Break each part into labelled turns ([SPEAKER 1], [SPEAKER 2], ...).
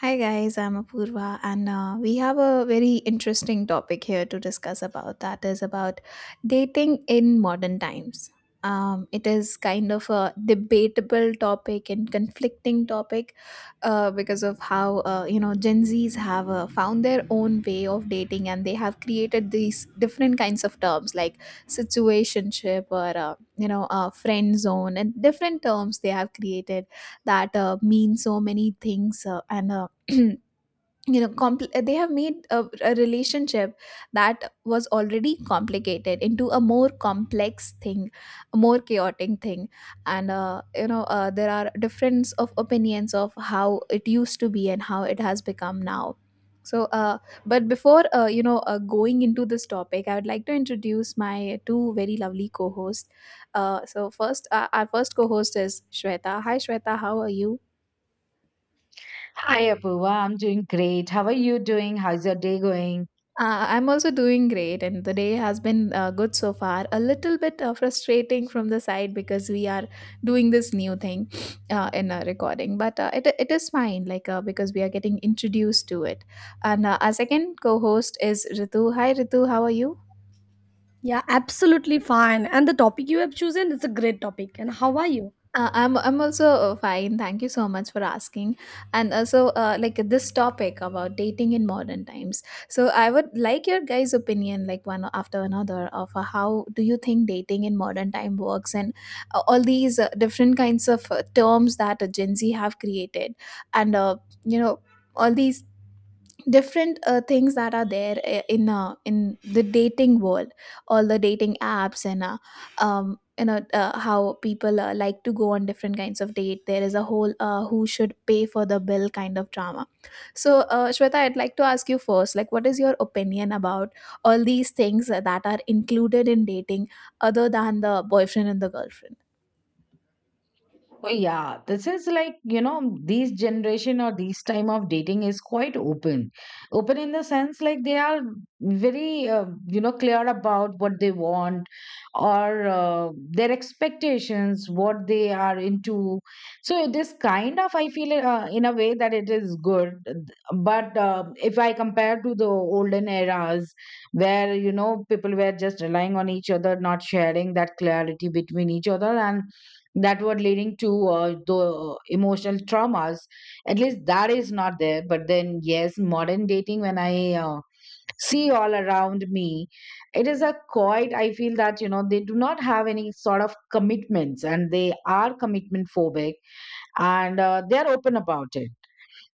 [SPEAKER 1] Hi guys, I'm Apurva, and we have a very interesting topic here to discuss about. That is about dating in modern times. It is kind of a debatable topic and conflicting topic, because of how Gen Zs have found their own way of dating, and they have created these different kinds of terms like situationship, or friend zone, and different terms they have created that mean so many things, and they have made a relationship that was already complicated into a more complex thing, a more chaotic thing. And there are difference of opinions of how it used to be and how it has become now. So uh, but before going into this topic, I would like to introduce my two very lovely co-hosts. So first Our first co-host is Shweta. Hi, Shweta, how are you?
[SPEAKER 2] Hi, Apoorva. I'm doing great. How are you doing? How's your day going?
[SPEAKER 1] I'm also doing great, and the day has been good so far. A little bit frustrating from the side, because we are doing this new thing, in a recording, but it is fine. Like, because we are getting introduced to it. And our second co-host is Ritu. Hi, Ritu. How are you?
[SPEAKER 3] Yeah, absolutely fine. And the topic you have chosen is a great topic. And how are you?
[SPEAKER 1] I'm also fine. Thank you so much for asking. And also, like, this topic about dating in modern times. So I would like your guys' opinion, like one after another, of how do you think dating in modern time works, and all these different kinds of terms that Gen Z have created, and you know all these different things that are there, in the dating world, all the dating apps, and how people like to go on different kinds of date. There is a whole who should pay for the bill kind of drama. So, Shweta, I'd like to ask you first, like, what is your opinion about all these things that are included in dating, other than the boyfriend and the girlfriend?
[SPEAKER 2] Well, yeah, this is like, you know, these generation or these time of dating is quite open. Open in the sense like they are very, you know, clear about what they want or their expectations, what they are into. So it is kind of, I feel in a way that it is good. But if I compare to the olden eras where, you know, people were just relying on each other, not sharing that clarity between each other, and that were leading to the emotional traumas, at least that is not there. But then yes, modern dating, when I see all around me, it is a quite, I feel that, you know, they do not have any sort of commitments and they are commitment phobic, and they are open about it.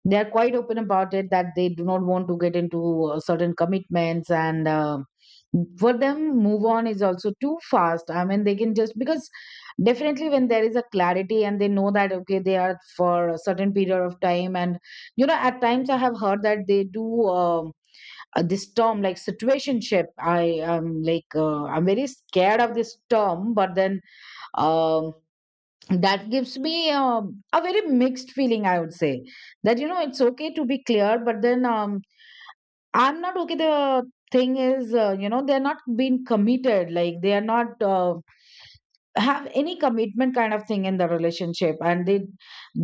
[SPEAKER 2] They are quite open about it, that they do not want to get into certain commitments, and for them move on is also too fast. I mean, they can just, because definitely when there is a clarity and they know that okay, they are for a certain period of time. And you know, at times I have heard that they do this term like situationship. I am like, I'm very scared of this term, but then um that gives me a very mixed feeling, I would say, that you know, it's okay to be clear, but then, I'm not okay. The thing is, you know, they're not being committed, like they are not have any commitment kind of thing in the relationship, and they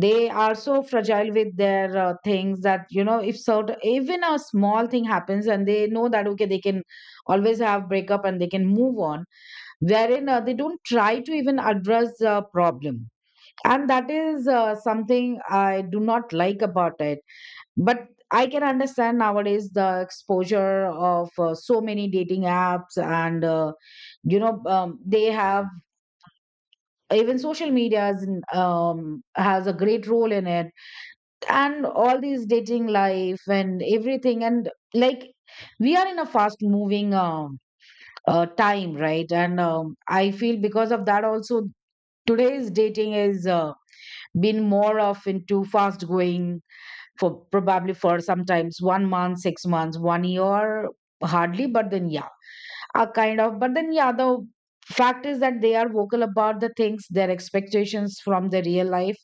[SPEAKER 2] they are so fragile with their things, that you know, if sort even a small thing happens, and they know that okay, they can always have breakup and they can move on, wherein they don't try to even address the problem, and that is something I do not like about it. But I can understand nowadays the exposure of so many dating apps, and you know, they have, even social media is has a great role in it, and all these dating life and everything. And like we are in a fast moving time, right, and I feel because of that also, today's dating is been more of into fast going, for probably for sometimes 1 month, 6 months, 1 year, hardly. But then, yeah, a kind of. But then, yeah, the fact is that they are vocal about the things, their expectations from the real life,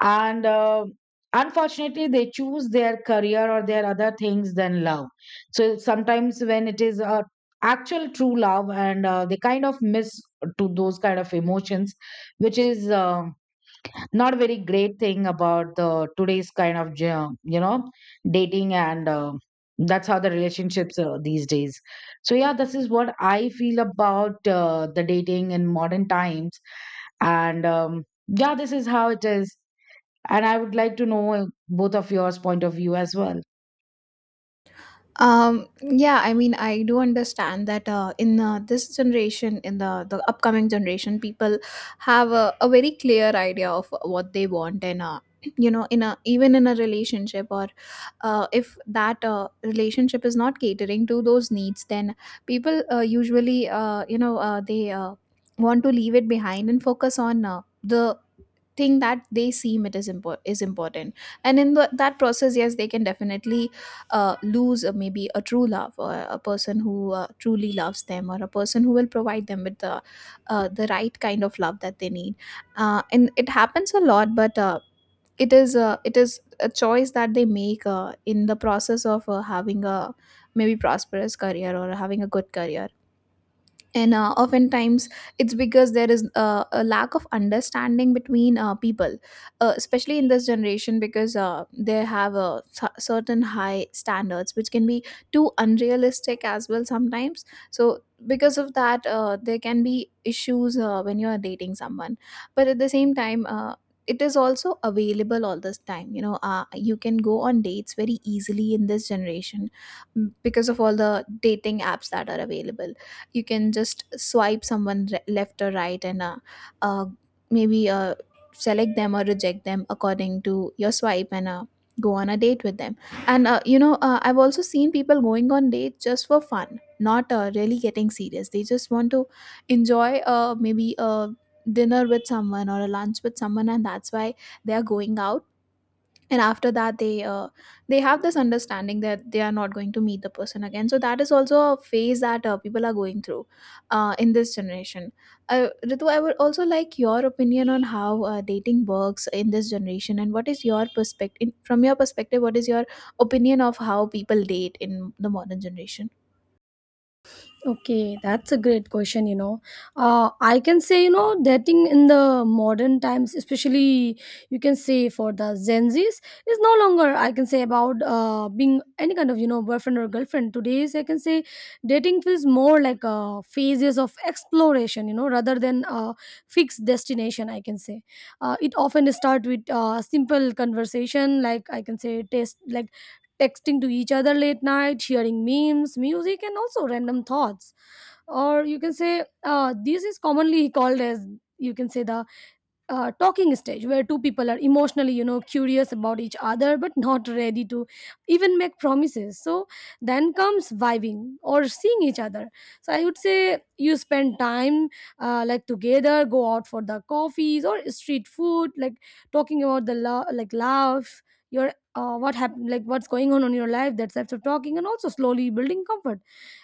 [SPEAKER 2] and unfortunately, they choose their career or their other things than love. So sometimes when it is a actual true love, and they kind of miss to those kind of emotions, which is not very great thing about the today's kind of you know, dating, and that's how the relationships are these days. So yeah, this is what I feel about the dating in modern times, and yeah, this is how it is, and I would like to know both of yours point of view as well.
[SPEAKER 1] Yeah, I mean, I do understand that in this generation, in the upcoming generation, people have a very clear idea of what they want, and in a relationship, or if that relationship is not catering to those needs, then people usually, they want to leave it behind and focus on the thing that they seem it is is important. And in that process, yes, they can definitely lose, maybe, a true love, or a person who truly loves them, or a person who will provide them with the right kind of love that they need. And it happens a lot, but it is a choice that they make in the process of having a maybe prosperous career, or having a good career. And oftentimes it's because there is a lack of understanding between people, especially in this generation, because they have certain high standards which can be too unrealistic as well sometimes. So, because of that, there can be issues when you are dating someone. But at the same time, it is also available all this time. You can go on dates very easily in this generation, mm, because of all the dating apps that are available. You can just swipe someone, left or right, and uh, maybe select them or reject them according to your swipe, and go on a date with them. And I've also seen people going on dates just for fun, not really getting serious. They just want to enjoy, maybe, a dinner with someone, or a lunch with someone, and that's why they are going out. And after that, they have this understanding that they are not going to meet the person again. So that is also a phase that people are going through, in this generation. Ritu, I would also like your opinion on how dating works in this generation, and what is your perspective? What is your opinion of how people date in the modern generation?
[SPEAKER 3] Okay, that's a great question, you know. I can say, you know, dating in the modern times, especially you can say for the Gen Zs, is no longer, I can say, about being any kind of, you know, boyfriend or girlfriend. Today's, I can say, dating feels more like phases of exploration, you know, rather than a fixed destination, I can say. It often starts with simple conversation, like I can say, taste, like texting to each other late night, sharing memes, music, and also random thoughts. Or you can say this is commonly called as you can say the talking stage where two people are emotionally, you know, curious about each other, but not ready to even make promises. So then comes vibing or seeing each other. So I would say you spend time like together, go out for the coffees or street food, like talking about the love, like love your what happened, like what's going on in your life, that types of talking, and also slowly building comfort.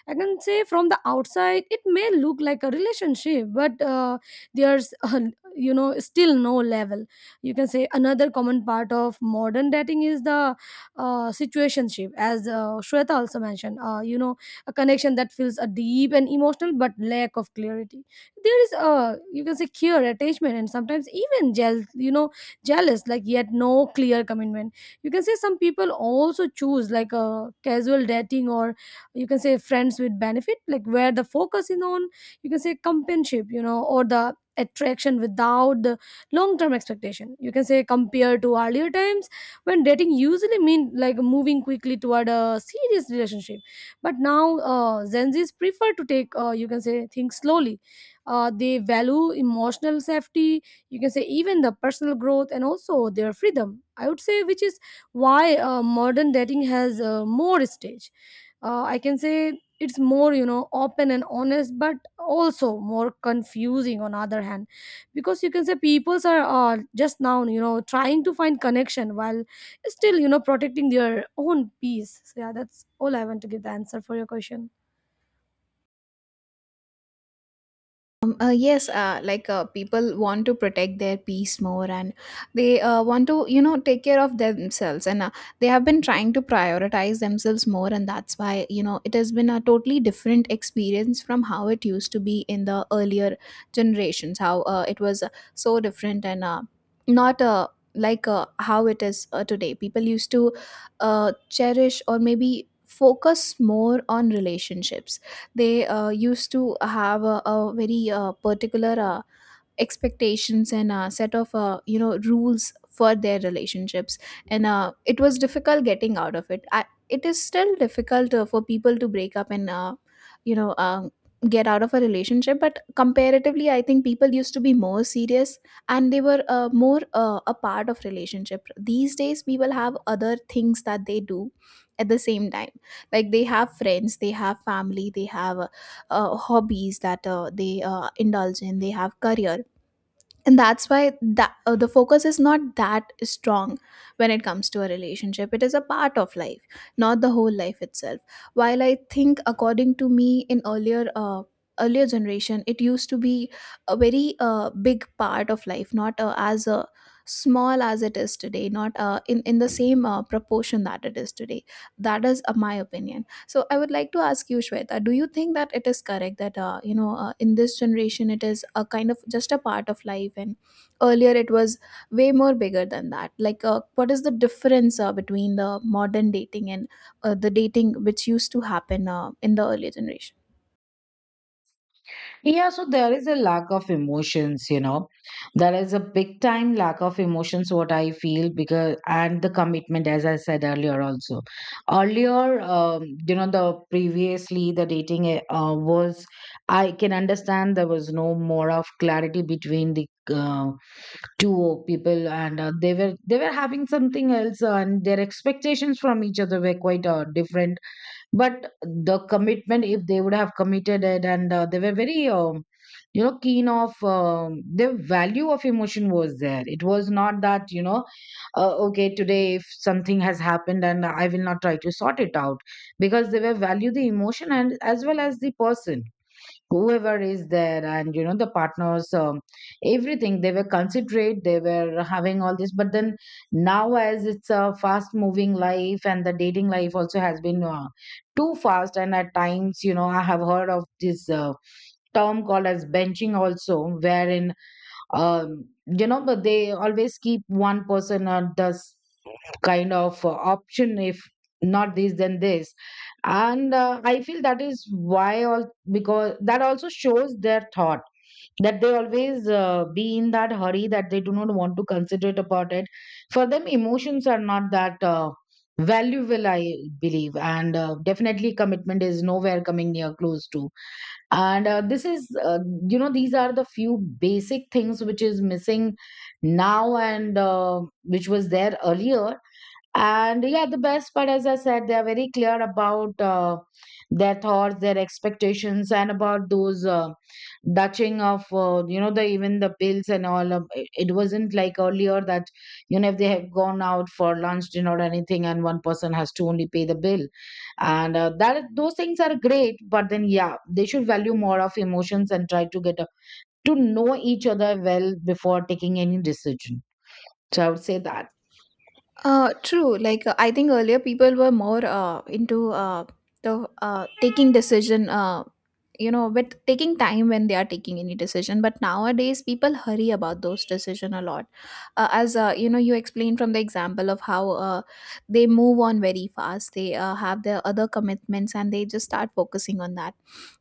[SPEAKER 3] I can say from the outside it may look like a relationship, but there's you know, still no level. You can say another common part of modern dating is the situationship, as Shweta also mentioned, you know, a connection that feels a deep and emotional but lack of clarity. There is a, you can say, clear attachment and sometimes even jealous, you know. Jealous, like, yet no clear commitment. You can say some people also choose like a casual dating, or you can say friends with benefit, like where the focus is on, you can say, companionship, you know, or the attraction without the long-term expectation. You can say compared to earlier times when dating usually mean like moving quickly toward a serious relationship, but now Gen Z's prefer to take, you can say, things slowly. They value emotional safety, you can say, even the personal growth and also their freedom, I would say, which is why modern dating has more stage, I can say. It's more, you know, open and honest, but also more confusing on other hand, because you can say peoples are just now, you know, trying to find connection while still, you know, protecting their own peace. So yeah, that's all I want to give the answer for your question.
[SPEAKER 1] Yes, like, people want to protect their peace more, and they want to, take care of themselves. And they have been trying to prioritize themselves more. And that's why, it has been a totally different experience from how it used to be in the earlier generations, how it was so different, and not like how it is today. People used to cherish, or maybe focus more on relationships. They used to have a very particular expectations and a set of rules for their relationships. And it was difficult getting out of it. It is still difficult for people to break up and you know um, get out of a relationship. But comparatively, I think people used to be more serious, and they were more a part of relationship. These days, people have other things that they do at the same time. Like, they have friends, they have family, they have hobbies that they indulge in, they have career. And that's why, that the focus is not that strong. When it comes to a relationship, it is a part of life, not the whole life itself. While I think, according to me, in earlier generation, it used to be a very big part of life, not as small as it is today, not in in the same proportion that it is today. That is my opinion. So I would like to ask you, Shweta, do you think that it is correct that in this generation it is a kind of just a part of life, and earlier it was way more bigger than that? Like, what is the difference between the modern dating and the dating which used to happen in the earlier generation?
[SPEAKER 2] Yeah, so there is a lack of emotions, you know. There is a big time lack of emotions, what I feel, because, and the commitment, as I said earlier, also. Earlier, you know, the previously the dating was, I can understand there was no more of clarity between the two people, and they were having something else, and their expectations from each other were quite different, but the commitment, if they would have committed it, and they were very, you know, keen of, the value of emotion was there. It was not that, you know, okay, today if something has happened and I will not try to sort it out, because they were value the emotion and as well as the person, whoever is there, and you know, the partners, everything, they were considerate, they were having all this. But then now, as it's a fast moving life, and the dating life also has been too fast. And at times, you know, I have heard of this term called as benching also, wherein you know, but they always keep one person or does kind of option. If not this then this. And I feel that is why all, because that also shows their thought, that they always be in that hurry, that they do not want to consider it about it. For them emotions are not that valuable, I believe, and definitely commitment is nowhere coming near close to. And this is you know, these are the few basic things which is missing now, and which was there earlier. And yeah, the best part, as I said, they are very clear about their thoughts, their expectations, and about those dutching of, you know, the even the bills and all. Of, it wasn't like earlier that you know, if they have gone out for lunch, dinner, or anything, and one person has to only pay the bill, and that those things are great. But then yeah, they should value more of emotions and try to get a, to know each other well before taking any decision. So I would say that.
[SPEAKER 1] True. Like, I think earlier people were more into, the taking decision. With taking time when they are taking any decision. But nowadays, people hurry about those decision a lot. As you explained from the example of how they move on very fast. They have their other commitments, and they just start focusing on that.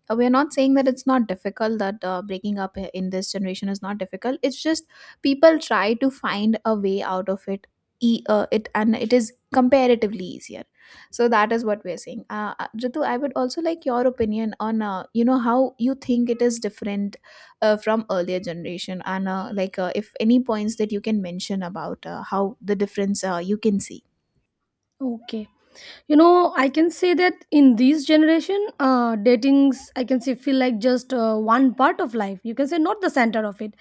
[SPEAKER 1] We are not saying that it's not difficult, that breaking up in this generation is not difficult. It's just people try to find a way out of it. And it is comparatively easier. So that is what we're saying. Ritu, I would also like your opinion on, how you think it is different, from earlier generation. And like, if any points that you can mention about how the difference you can see.
[SPEAKER 3] Okay. You know, I can say that in this generation, datings, I can say, feel like just one part of life, you can say, not the center of it.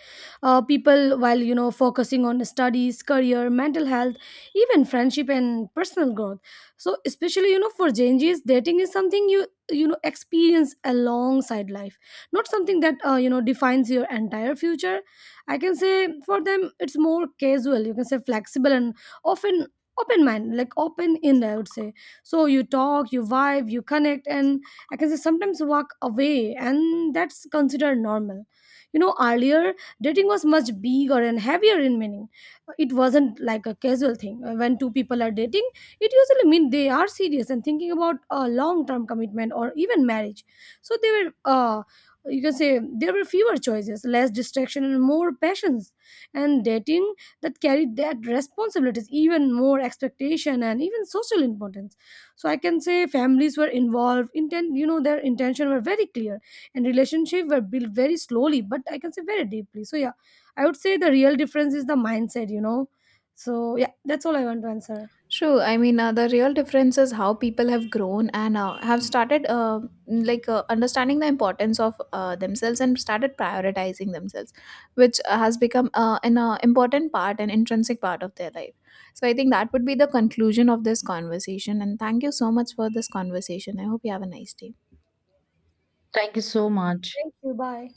[SPEAKER 3] People while, you know, focusing on studies, career, mental health, even friendship and personal growth. So especially, you know, for Gen Z's, dating is something you, you know, experience alongside life, not something that, you know, defines your entire future, I can say. For them, it's more casual, you can say, flexible and often open mind, like open in, I would say. So you talk, you vibe, you connect, and I can say sometimes walk away, and that's considered normal. You know, earlier dating was much bigger and heavier in meaning. It wasn't like a casual thing. When two people are dating, it usually means they are serious and thinking about a long term commitment or even marriage. So they were, you can say, there were fewer choices, less distraction, and more passions. And dating that carried that responsibilities, even more expectation and even social importance. So I can say families were involved, intent, you know, their intention were very clear, and relationship were built very slowly, but I can say very deeply. So yeah, I would say the real difference is the mindset, you know. So yeah, that's all I want to answer.
[SPEAKER 1] True. I mean, the real difference is how people have grown, and have started, like, understanding the importance of themselves, and started prioritizing themselves, which has become an important part, an intrinsic part of their life. So I think that would be the conclusion of this conversation. And thank you so much for this conversation. I hope you have a nice day.
[SPEAKER 2] Thank you so much.
[SPEAKER 3] Thank you. Bye.